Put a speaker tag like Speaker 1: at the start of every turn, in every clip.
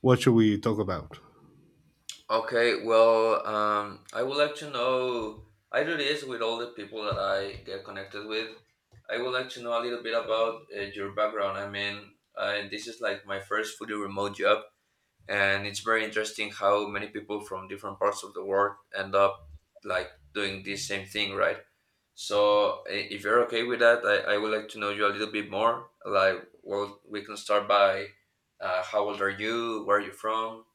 Speaker 1: What should we talk about?
Speaker 2: Okay, well, I would like to know. I do this with all the people that I get connected with. I would like to know a little bit about your background. I mean, this is like my first fully remote job, and it's very interesting how many people from different parts of the world end up like doing this same thing, right? So, if you're okay with that, I would like to know you a little bit more. Like, well, we can start by how old are you? Where are you from?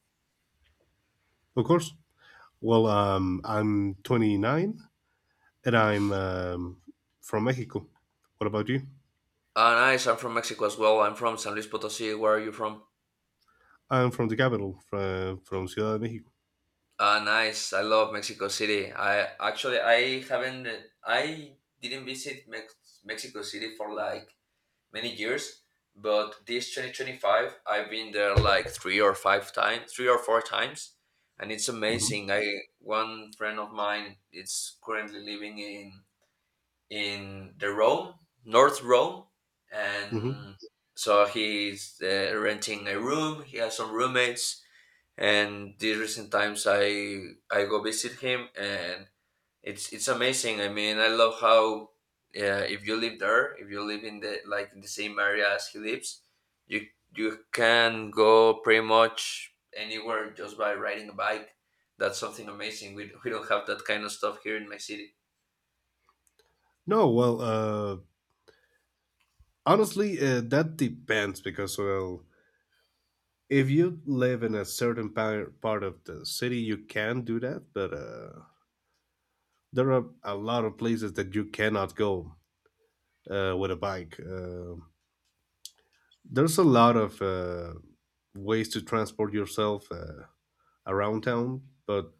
Speaker 1: Of course. Well, I'm 29 and I'm from Mexico. What about you?
Speaker 2: Ah, nice. I'm from Mexico as well. I'm from San Luis Potosí. Where are you from?
Speaker 1: I'm from the capital, from Ciudad de Mexico.
Speaker 2: Ah, nice. I love Mexico City. I actually, I haven't, I didn't visit Mexico City for like many years, but this 2025 I've been there like three or five times, three or four times, and it's amazing. I one friend of mine is currently living in the Rome, North Rome,
Speaker 1: Hmm.
Speaker 2: and so he's renting a room. He has some roommates, and these recent times I go visit him, and it's amazing. I mean, I love how if you live there, if you live in the like in the same area as he lives, you you can go pretty much anywhere just by riding a bike. That's something amazing. We don't have that kind of stuff here in my city.
Speaker 1: No, well, honestly, that depends because, well, if you live in a certain part of the city, you can do that, but there are a lot of places that you cannot go with a bike. There's a lot of ways to transport yourself around town, but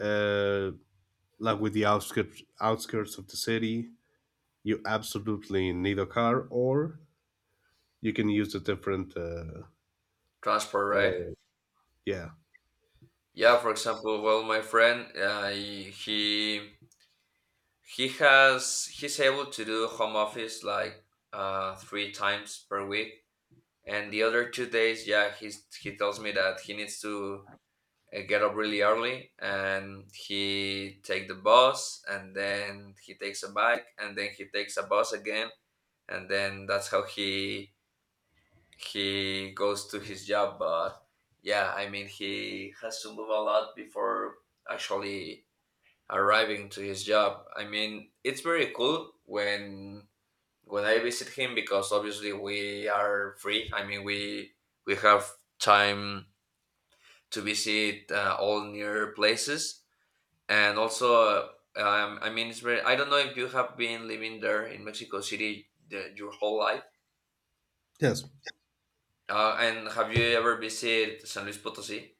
Speaker 1: uh, like with the outskirts of the city, you absolutely need a car, or you can use the different.
Speaker 2: Transport, right?
Speaker 1: Uh, yeah.
Speaker 2: Yeah, for example, well, my friend, he's able to do home office like three times per week, and the other 2 days, yeah, he tells me that he needs to get up really early, and he take the bus, and then he takes a bike, and then he takes a bus again, and then that's how he goes to his job. But yeah, I mean, he has to move a lot before actually arriving to his job. I mean, it's very cool when I visit him because obviously we are free. I mean, we have time to visit all near places, and also, I mean, it's very. I don't know if you have been living there in Mexico City your whole life,
Speaker 1: Yes.
Speaker 2: and have you ever visited San Luis Potosí?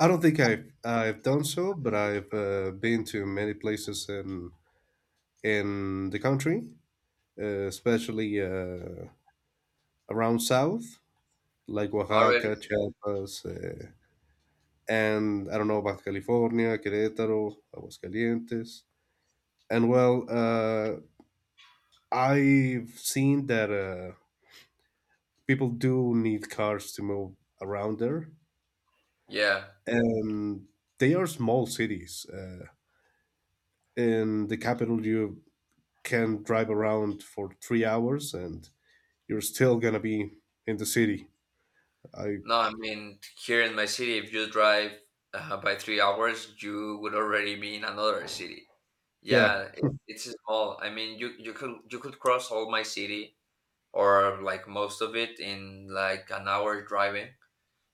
Speaker 1: I don't think I've done so, but I've been to many places in the country, especially Oaxaca south, like
Speaker 2: Already,
Speaker 1: Oaxaca, Chiapas, and I don't know, Baja California, Querétaro, Aguascalientes. And well, I've seen that people do need cars to move around there,
Speaker 2: yeah.
Speaker 1: and they are small cities. In the capital, you can drive around for 3 hours, and you're still gonna be in the city. I
Speaker 2: No, I mean here in my city, if you drive by 3 hours, you would already be in another city.
Speaker 1: Yeah,
Speaker 2: Yeah, it's small. I mean, you could cross all my city or like most of it in like an hour driving.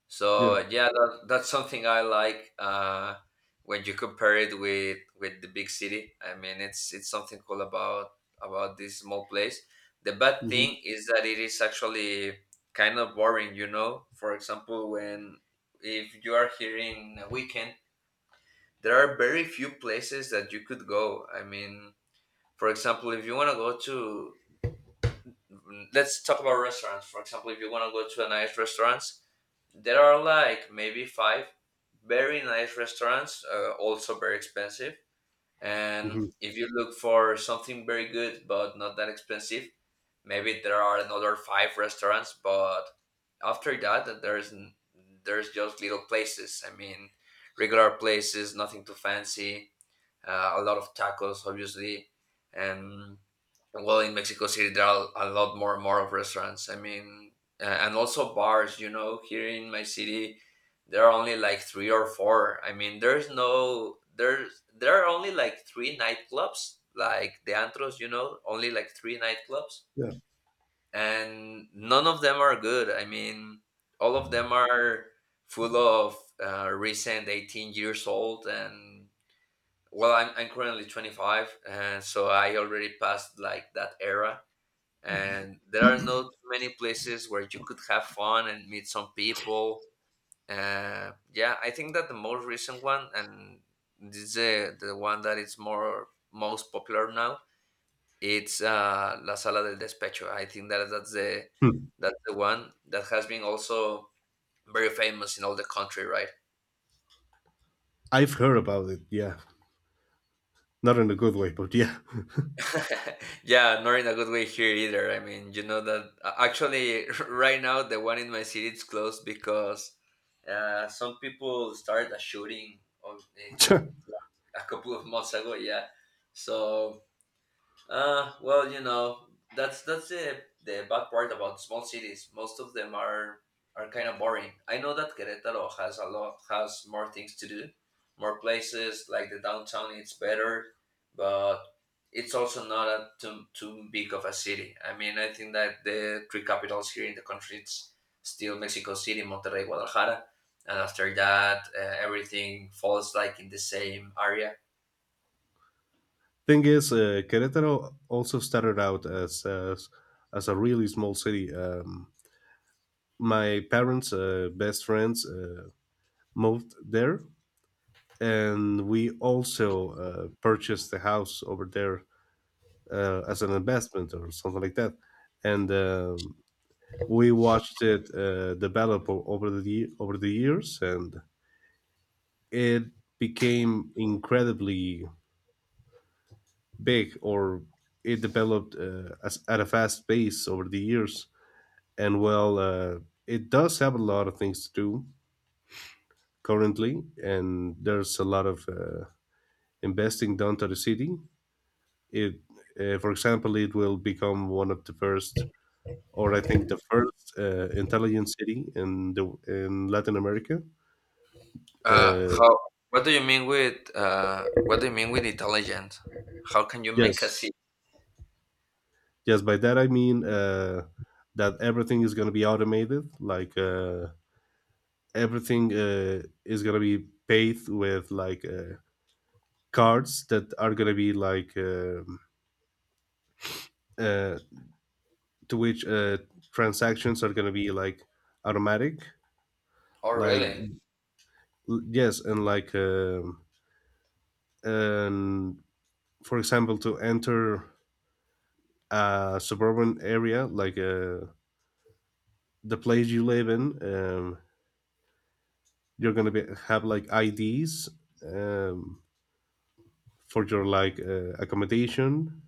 Speaker 2: So
Speaker 1: yeah.
Speaker 2: yeah, that's something I like when you compare it with the big city. I mean, it's something cool about this small place. The bad
Speaker 1: Hmm.
Speaker 2: thing is that it is actually kind of boring. You know, for example, when if you are here in a weekend, there are very few places that you could go. I mean, for example, if you want to go to. Let's talk about restaurants. For example, if you want to go to a nice restaurant there are like maybe five very nice restaurants, also very expensive. And
Speaker 1: Hmm.
Speaker 2: if you look for something very good but not that expensive, maybe there are another five restaurants. But after that, there's just little places. I mean, regular places, nothing too fancy. A lot of tacos, obviously, and well in Mexico City there are a lot more of restaurants. I mean, and also bars, you know, here in my city there are only like three or four. I mean, there's no there's, there are only like three nightclubs, like the antros, you know, only like three nightclubs.
Speaker 1: Yeah.
Speaker 2: And none of them are good. I mean, all of them are full of recent 18 years old, and well, I'm currently 25, and so I already passed like that era, and there are not too many places where you could have fun and meet some people. Yeah, I think that the most recent one, and this is the one that is more most popular now, it's La Sala del Despecho. I think that
Speaker 1: Hmm.
Speaker 2: that's the one that has been also very famous in all the country, right?
Speaker 1: I've heard about it. Yeah, not in a good way, but yeah.
Speaker 2: Yeah, not in a good way here either. I mean, you know that actually right now the one in my city is closed because some people started a shooting in, like, a couple of months ago. Yeah, so well, you know, that's the bad part about small cities. Most of them are kind of boring. I know that Querétaro has a lot has more things to do, more places. Like the downtown, it's better, but it's also not a too big of a city. I mean, I think that the three capitals here in the country it's still Mexico City, Monterrey, Guadalajara, and after that, everything falls like in the same area.
Speaker 1: Thing is, Querétaro also started out as a really small city. My parents' best friends moved there, and we also purchased a house over there as an investment or something like that. And we watched it develop over the over the years, and it became incredibly big, or it developed at a fast pace over the years. And well, it does have a lot of things to do currently, and there's a lot of investing done to the city. It, for example, it will become one of the first, or I think the first, intelligent city in the in Latin America.
Speaker 2: Uh,
Speaker 1: Uh,
Speaker 2: how? What do you mean with? What do you mean with intelligent? How can you make a
Speaker 1: yes,
Speaker 2: C?
Speaker 1: yes. By that I mean that everything is going to be automated. Like everything is going to be paid with like. Cards that are going to be like uh, to which transactions are going to be like automatic,
Speaker 2: Oh,
Speaker 1: like
Speaker 2: really?
Speaker 1: yes and like and for example to enter a suburban area, like the place you live in, you're going to be have like IDs um, for your like accommodation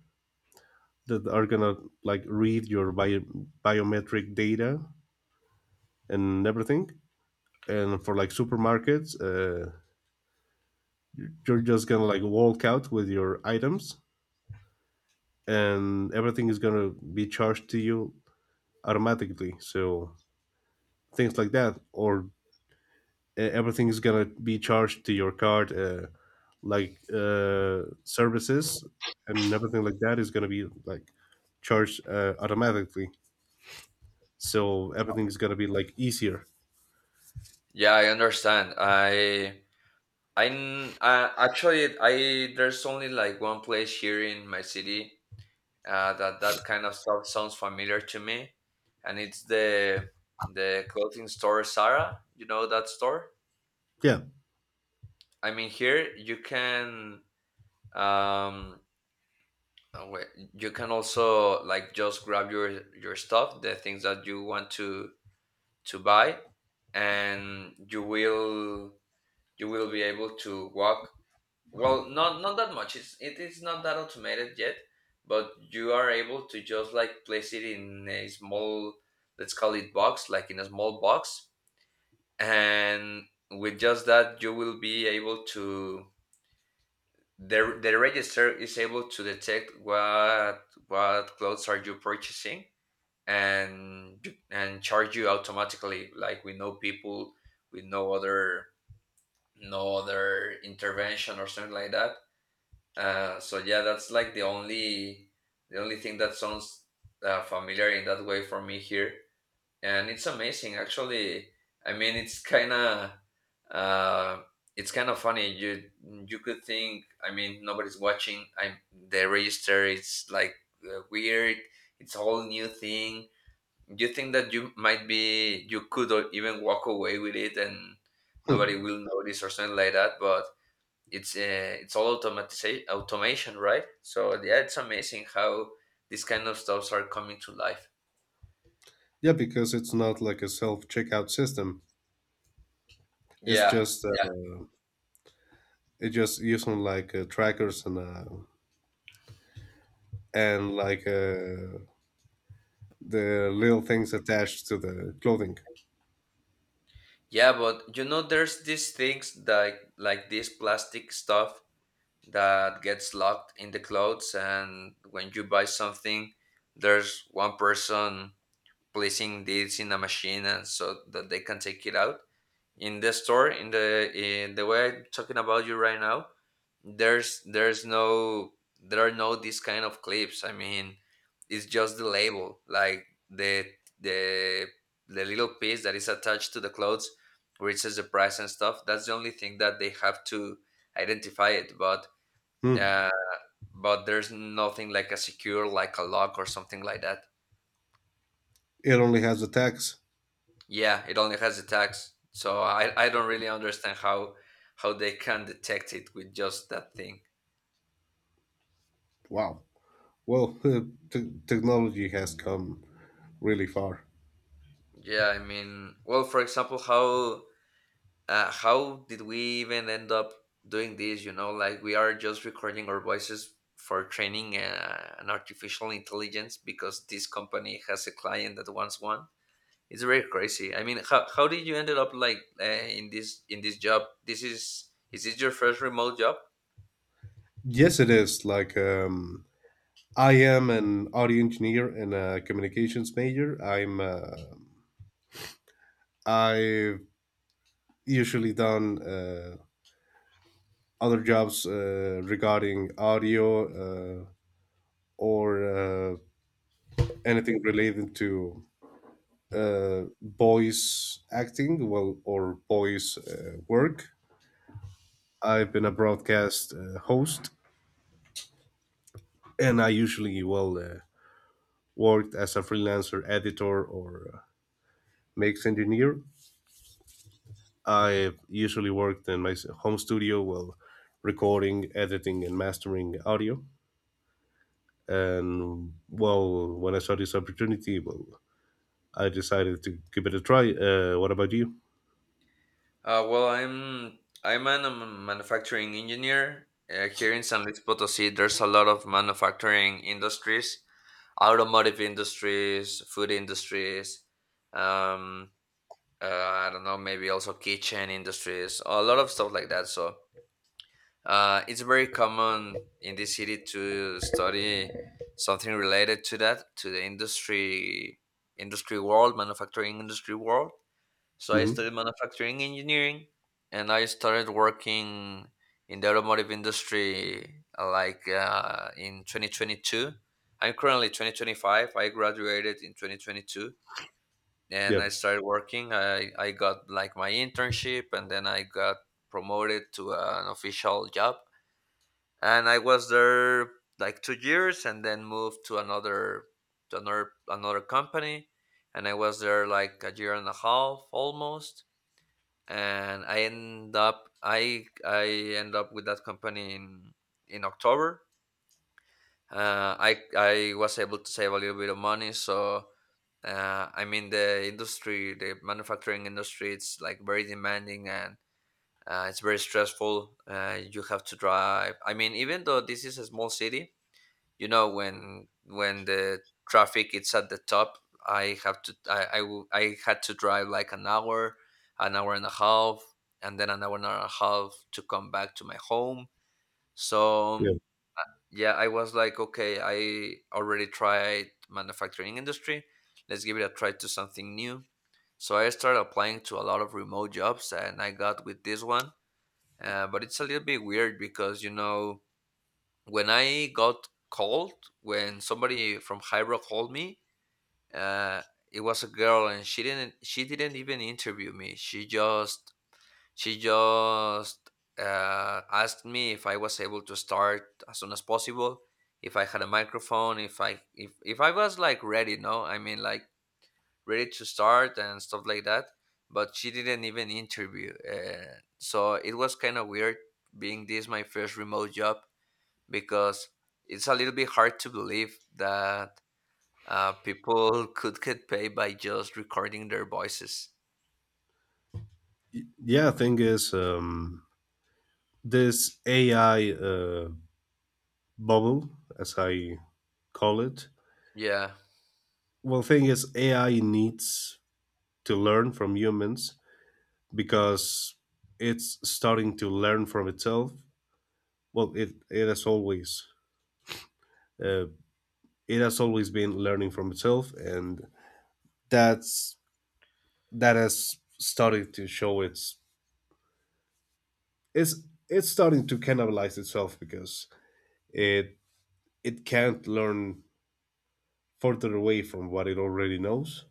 Speaker 1: that are going to like read your biometric data and everything, and for like supermarkets you're just gonna like walk out with your items and everything is gonna be charged to you automatically, so things like that. Or everything is gonna be charged to your card, like services, and everything like that is gonna be like charged automatically, so everything is gonna be like easier.
Speaker 2: Yeah, I understand. Actually, I there's only like one place here in my city that kind of stuff sounds familiar to me, and it's the clothing store Zara. You know that store?
Speaker 1: Yeah.
Speaker 2: I mean, here you can um. Wait, you can also like just grab your stuff, the things that you want to buy, and you will be able to walk. Well, not that much. It is not that automated yet, but you are able to just like place it in a small, let's call it box, like in a small box, and with just that you will be able to. The register is able to detect what clothes are you purchasing, and and charge you automatically like with no people, with no other intervention or something like that, so yeah that's like the only thing that sounds familiar in that way for me here, and it's amazing actually. I mean, uh, it's kind of funny. You could think, I mean, nobody's watching. I The register is like weird. It's a whole new thing. Do you think that you might be you could or even walk away with it and
Speaker 1: Hmm.
Speaker 2: nobody will notice or something like that? But it's all automatization, automation, right? So yeah, it's amazing how these kind of stuffs are coming to life.
Speaker 1: Yeah, because it's not like a self checkout system, it's
Speaker 2: Yeah,
Speaker 1: just uh,
Speaker 2: yeah,
Speaker 1: it's just using like trackers and and like the little things attached to the clothing.
Speaker 2: yeah. But you know, there's these things like this plastic stuff that gets locked in the clothes, and when you buy something, there's one person placing this in a machine, and so that they can take it out. In the store, in the way I'm talking about you right now, there's no, there are no these kind of clips, I mean, it's just the label, like the the little piece that is attached to the clothes, where it says the price and stuff. That's the only thing that they have to identify it. But
Speaker 1: Hmm.
Speaker 2: uh, but there's nothing like a secure like a lock or something like that.
Speaker 1: It only has the tags.
Speaker 2: Yeah, it only has the tags, so I don't really understand how they can detect it with just that thing.
Speaker 1: Wow. Well, technology has come really far.
Speaker 2: Yeah, I mean, well, for example, how did we even end up doing this? You know, like we are just recording our voices for training an artificial intelligence because this company has a client that wants one. It's very crazy. I mean, how did you ended up like in this job? This Is this your first remote job?
Speaker 1: Yes, it is. Like I am an audio engineer and a communications major. I'm. I've usually done other jobs regarding audio, uh, or anything related to voice acting, well, or voice work. I've been a broadcast host, and I usually, well, worked as a freelancer editor or mix engineer. I usually worked in my home studio, well, recording, editing, and mastering audio. And well, when I saw this opportunity, well, I decided to give it a try. What about you?
Speaker 2: Well, I'm a manufacturing engineer here in San Luis Potosí. There's a lot of manufacturing industries, automotive industries, food industries. Um, I don't know, maybe also kitchen industries, a lot of stuff like that. So, it's very common in this city to study something related to that, to the industry world, manufacturing industry world, so I
Speaker 1: Hmm.
Speaker 2: studied manufacturing engineering and I started working in the automotive industry like in 2022. I'm currently 2025. I graduated in 2022
Speaker 1: Yeah,
Speaker 2: and I started working. I got like my internship and then I got promoted to an official job. And I was there like 2 years and then moved to another another company, and I was there like a year and a half almost, and I end up with that company in October. I was able to save a little bit of money, so I mean the industry, the manufacturing industry, it's like very demanding, and it's very stressful. You have to drive. I mean, even though this is a small city, you know when the traffic is at the top, I have to I w- I had to drive like an hour, an hour and a half, and then an hour and a half to come back to my home. So
Speaker 1: yeah,
Speaker 2: yeah, I was like, okay, I already tried manufacturing industry, let's give it a try to something new. So I started applying to a lot of remote jobs and I got with this one. But it's a little bit weird because when I got called, when somebody from Hybro called me, uh, it was a girl, and she didn't even interview me. She just asked me if I was able to start as soon as possible, if I had a microphone, if I was like ready. No, I mean like ready to start and stuff like that. But she didn't even interview, so it was kind of weird, being this my first remote job, because it's a little bit hard to believe that people could get paid by just recording their voices.
Speaker 1: yeah. Thing is, this AI bubble, as I call it.
Speaker 2: Yeah,
Speaker 1: Well, thing is, AI needs to learn from humans because it's starting to learn from itself. Well, uh, it has always been learning from itself, and that's that has started to show its it's it's starting to cannibalize itself, because it it can't learn further away from what it already knows,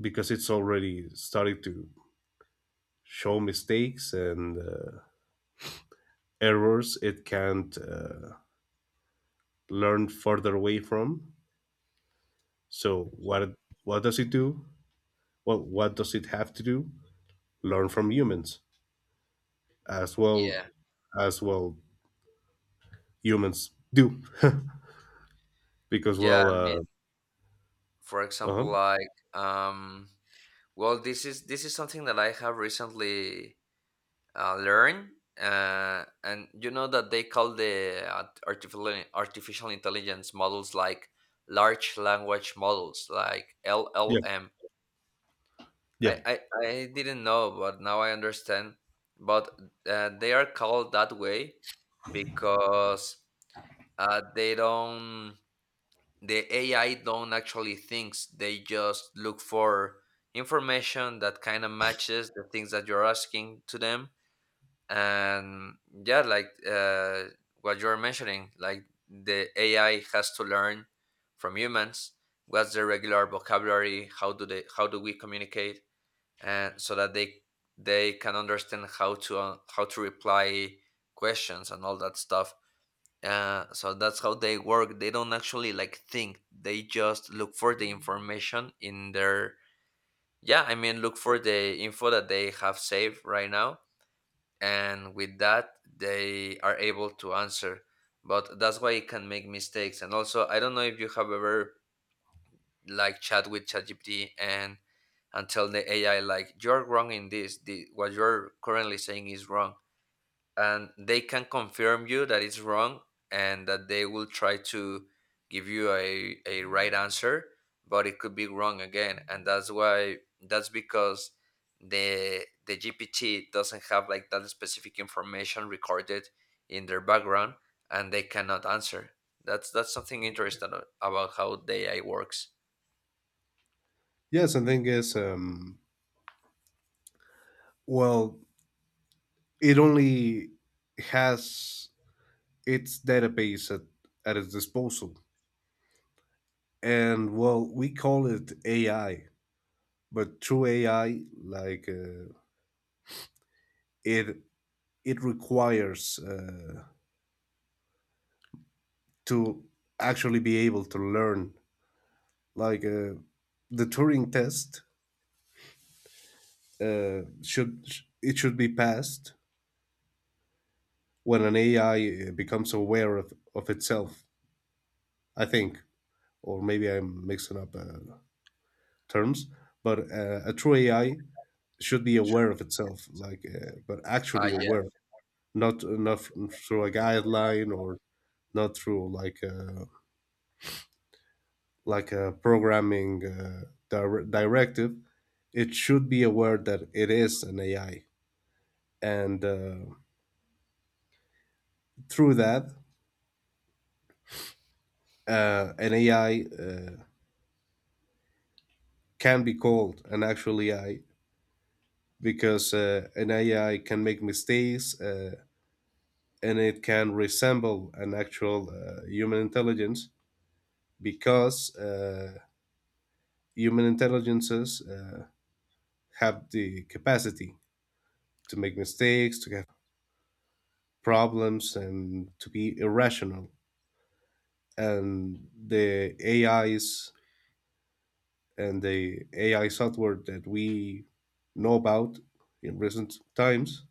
Speaker 1: because it's already started to show mistakes and errors it can't learn further away from. So what does it do? Well, what does it have to do? Learn from humans as well
Speaker 2: yeah,
Speaker 1: as well humans do because
Speaker 2: yeah.
Speaker 1: well
Speaker 2: I mean,
Speaker 1: uh
Speaker 2: for
Speaker 1: Uh-huh.
Speaker 2: example, like, um, well, this is something that I have recently learned, and you know that they call the artificial intelligence models like large language models, like
Speaker 1: Yeah,
Speaker 2: LLM.
Speaker 1: yeah.
Speaker 2: I, I, I didn't know, but now I understand. But they are called that way because uh, they don't, the AI don't actually thinks. They just look for information that kind of matches the things that you're asking to them. And yeah, what you're mentioning, like the AI has to learn from humans. What's the regular vocabulary? How do they? How do we communicate? And so that they can understand how to reply questions and all that stuff. So that's how they work. They don't actually like think, they just look for the information in their, yeah, I mean, look for the info that they have saved right now, and with that they are able to answer. But that's why it can make mistakes. And also, I don't know if you have ever like chat with ChatGPT and tell the AI, like, you're wrong in this. The, what you're currently saying is wrong, and they can confirm you that it's wrong, and that they will try to give you a right answer, but it could be wrong again. And that's why, that's because the GPT doesn't have like that specific information recorded in their background, and they cannot answer. That's something interesting about how the AI works.
Speaker 1: Yes, and thing is, well it only has its database at its disposal. And well we call it AI, but true AI, like it it requires to actually be able to learn, like the Turing test, should it should be passed when an AI becomes aware of itself I think. Or maybe I'm mixing up terms, but a true AI should be aware of itself, like but
Speaker 2: Ah,
Speaker 1: actually
Speaker 2: yeah,
Speaker 1: aware, not through a guideline or not through like a programming directive. It should be aware that it is an AI, and through that, an AI can be called an actual AI because an AI can make mistakes, and it can resemble an actual human intelligence, because human intelligences have the capacity to make mistakes, to have problems, and to be irrational. And the AIs and the AI software that we know about in recent times,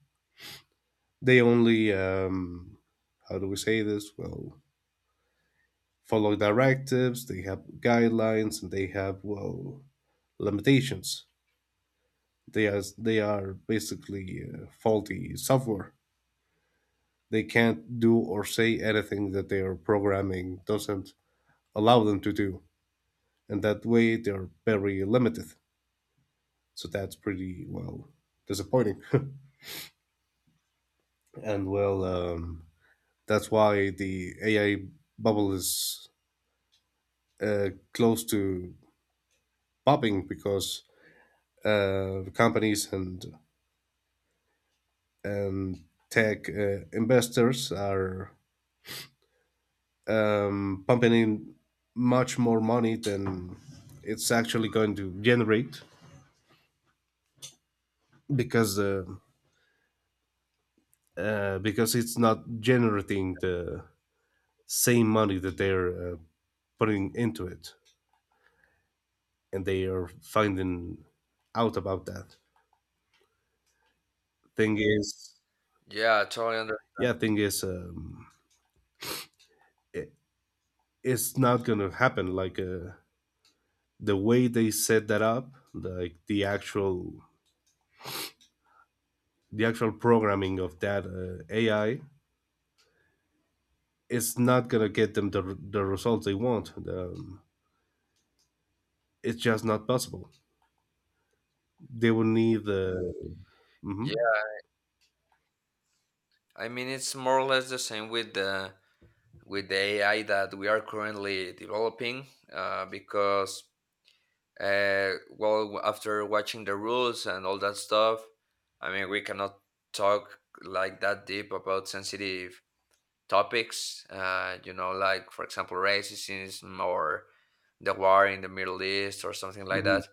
Speaker 1: they only, how do we say this? Well, follow directives, they have guidelines, and they have, well, limitations. They are basically faulty software. They can't do or say anything that their programming doesn't allow them to do. And that way they're very limited. So that's pretty, well, disappointing. And well, that's why the AI bubble is close to popping, because companies and tech investors are pumping in much more money than it's actually going to generate, because uh, because it's not generating the same money that they're putting into it, and they are finding out about that. Thing is.
Speaker 2: yeah, I totally under.
Speaker 1: Yeah, thing is, it, it's not gonna happen. Like the way they set that up, like the actual programming of that AI, it's not gonna get them the results they want. It's just not possible. They will need the.
Speaker 2: Yeah,
Speaker 1: Hmm.
Speaker 2: I mean it's more or less the same with the AI that we are currently developing, because uh, well, after watching the rules and all that stuff, I mean we cannot talk like that deep about sensitive topics, you know, like for example racism or the war in the Middle East or something like
Speaker 1: Hmm.
Speaker 2: that.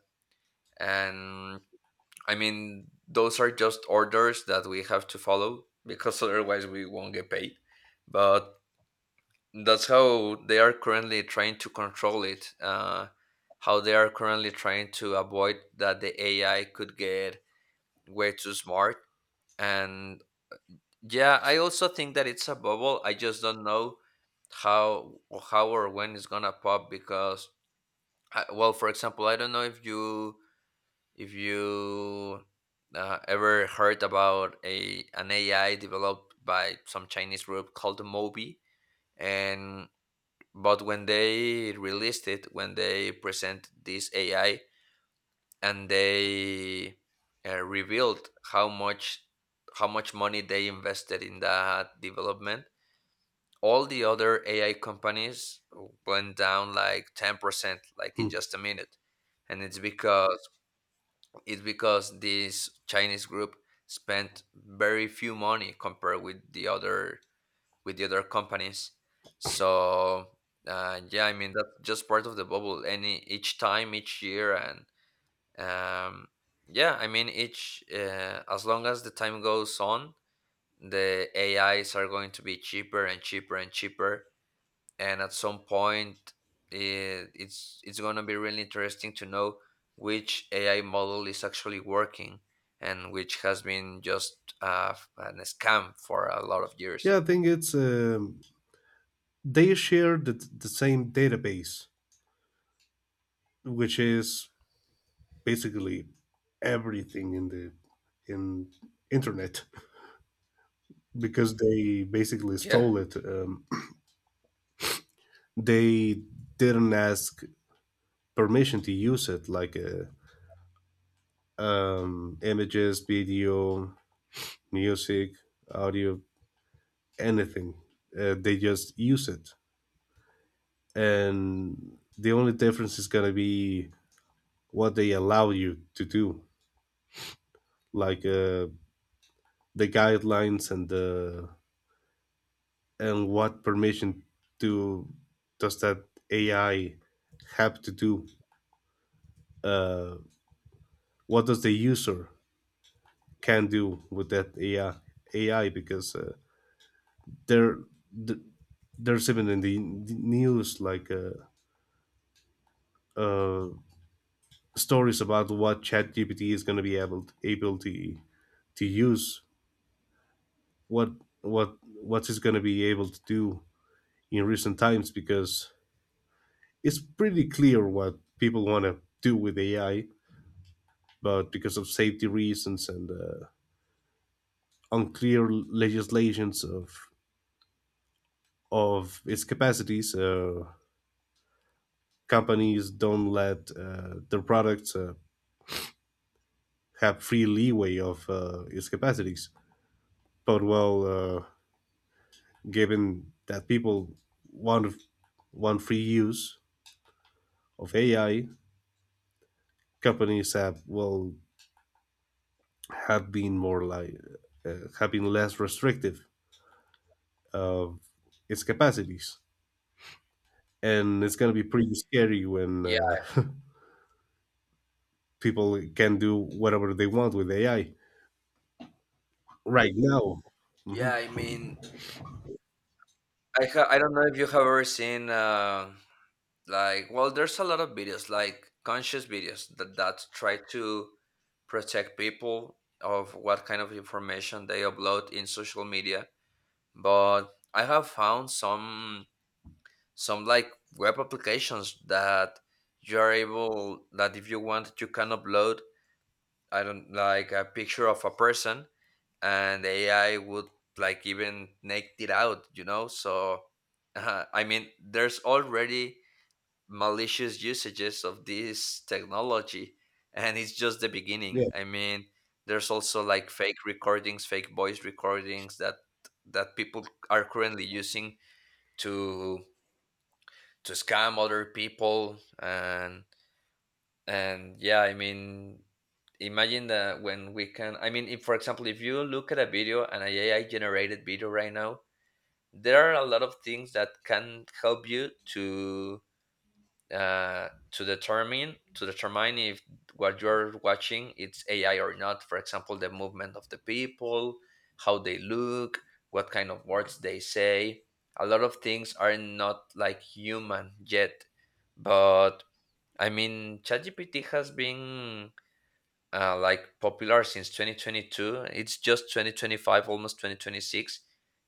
Speaker 2: And I mean, those are just orders that we have to follow because otherwise we won't get paid. But that's how they are currently trying to control it. How they are currently trying to avoid that the AI could get way too smart. And yeah, I also think that it's a bubble. I just don't know how how or when it's gonna pop. Because I, well, for example, I don't know if you, if you ever heard about a an AI developed by some Chinese group called Mobi, and but when they released it, when they present this AI, and they revealed how much, how much money they invested in that development, all the other AI companies went down like 10%, like in just a minute. And it's because, it's because this Chinese group spent very few money compared with the other companies. So yeah, I mean that's just part of the bubble. Any each time, each year, and um, yeah, I mean each as long as the time goes on, the AIs are going to be cheaper and cheaper and cheaper, and at some point it's going to be really interesting to know which AI model is actually working and which has been just an scam for a lot of years.
Speaker 1: Yeah, I think it's, they share the same database, which is basically everything in the in internet because they basically
Speaker 2: Yeah,
Speaker 1: stole it, they didn't ask permission to use it, like images, video, music, audio, anything. They just use it, and the only difference is going to be what they allow you to do, like the guidelines and the and what permission do does that AI have to do? Uh, what does the user can do with that AI? AI, because there th- there's even in the news, like uh, stories about what ChatGPT is going to be able to use, what what what is going to be able to do in recent times, because it's pretty clear what people want to do with AI, but because of safety reasons and unclear legislations of its capacities, companies don't let their products have free leeway of its capacities. But well, given that people want want free use of AI, companies have, well, have been more like, have been less restrictive uh, its capacities. And it's going to be pretty scary when
Speaker 2: yeah,
Speaker 1: people can do whatever they want with AI right now. Hmm.
Speaker 2: yeah. I mean, I don't know if you have ever seen like well, there's a lot of videos like conscious videos that that try to protect people of what kind of information they upload in social media. But I have found some like web applications that you are able, that if you want you can upload, I don't, like a picture of a person, and AI would like even naked it out, you know. So I mean, there's already malicious usages of this technology, and it's just the beginning.
Speaker 1: Yeah,
Speaker 2: I mean, there's also like fake recordings, fake voice recordings that that people are currently using to to scam other people. And yeah, I mean, imagine that when we can, I mean if for example if you look at a video, an AI generated video right now, there are a lot of things that can help you to to determine if what you're watching it's AI or not. For example, the movement of the people, how they look, what kind of words they say. A lot of things are not like human yet, but I mean, ChatGPT has been like popular since 2022. It's just 2025, almost 2026.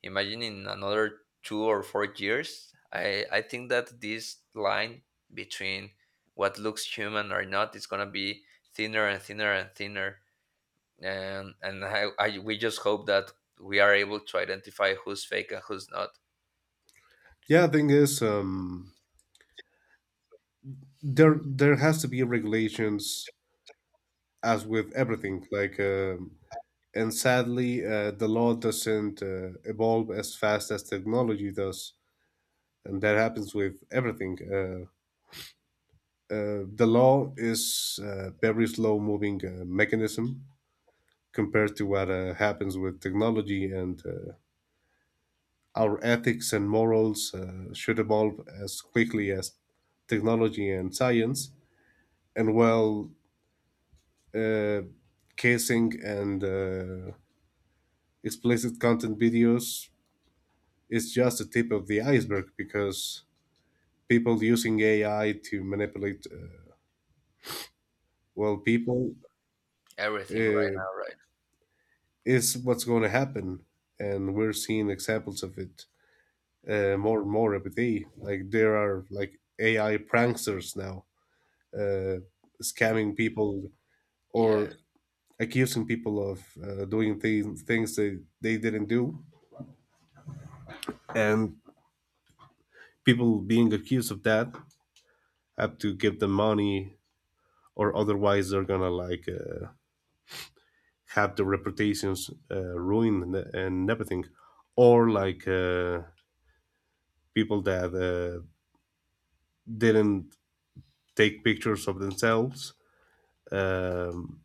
Speaker 2: Imagine in another 2 or 4 years. I think that this line between what looks human or not is going to be thinner and thinner and thinner. And we just hope that we are able to identify who's fake and who's not.
Speaker 1: yeah. Thing is, there has to be regulations, as with everything. Like, and sadly, the law doesn't evolve as fast as technology does, and that happens with everything. The law is very slow moving mechanism compared to what happens with technology, and our ethics and morals should evolve as quickly as technology and science. And while uh, casing and explicit content videos is just the tip of the iceberg, because people using AI to manipulate, well, people,
Speaker 2: Everything right
Speaker 1: uh,
Speaker 2: now, right?
Speaker 1: is what's going to happen, and we're seeing examples of it more and more every day. Like, there are like AI pranksters now, uh, scamming people
Speaker 2: Yeah.
Speaker 1: or accusing people of doing things they didn't do, and people being accused of that have to give them money, or otherwise they're gonna like have their reputations ruined and everything, or like people that didn't take pictures of themselves. Um,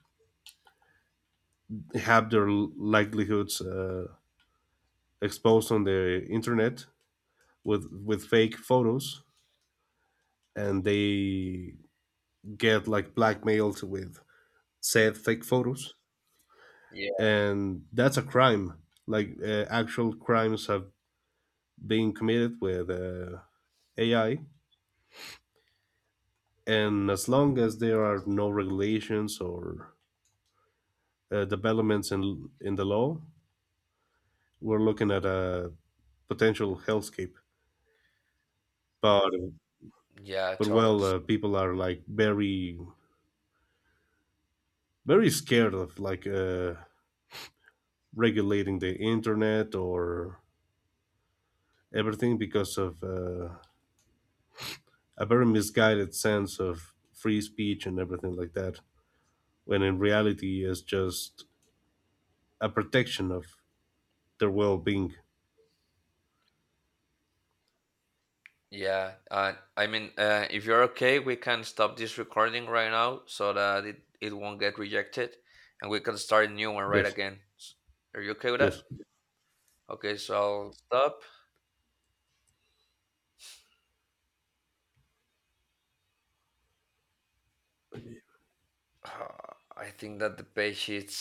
Speaker 1: have their likelihoods exposed on the internet with fake photos, and they get like blackmailed with said fake photos,
Speaker 2: Yeah.
Speaker 1: and that's a crime. Like actual crimes have been committed with AI, and as long as there are no regulations or developments in the law, we're looking at a potential hellscape. But
Speaker 2: Yeah,
Speaker 1: but well,
Speaker 2: Charles.
Speaker 1: people are like very, very scared of like regulating the internet or everything, because of a very misguided sense of free speech and everything like that. When in reality, it's just a protection of their well-being.
Speaker 2: Yeah, I mean, if you're okay, we can stop this recording right now so that it won't get rejected and we can start a new one right
Speaker 1: Yes,
Speaker 2: again. S- Are you okay with that?
Speaker 1: yes.
Speaker 2: Okay, so I'll stop. I think that the page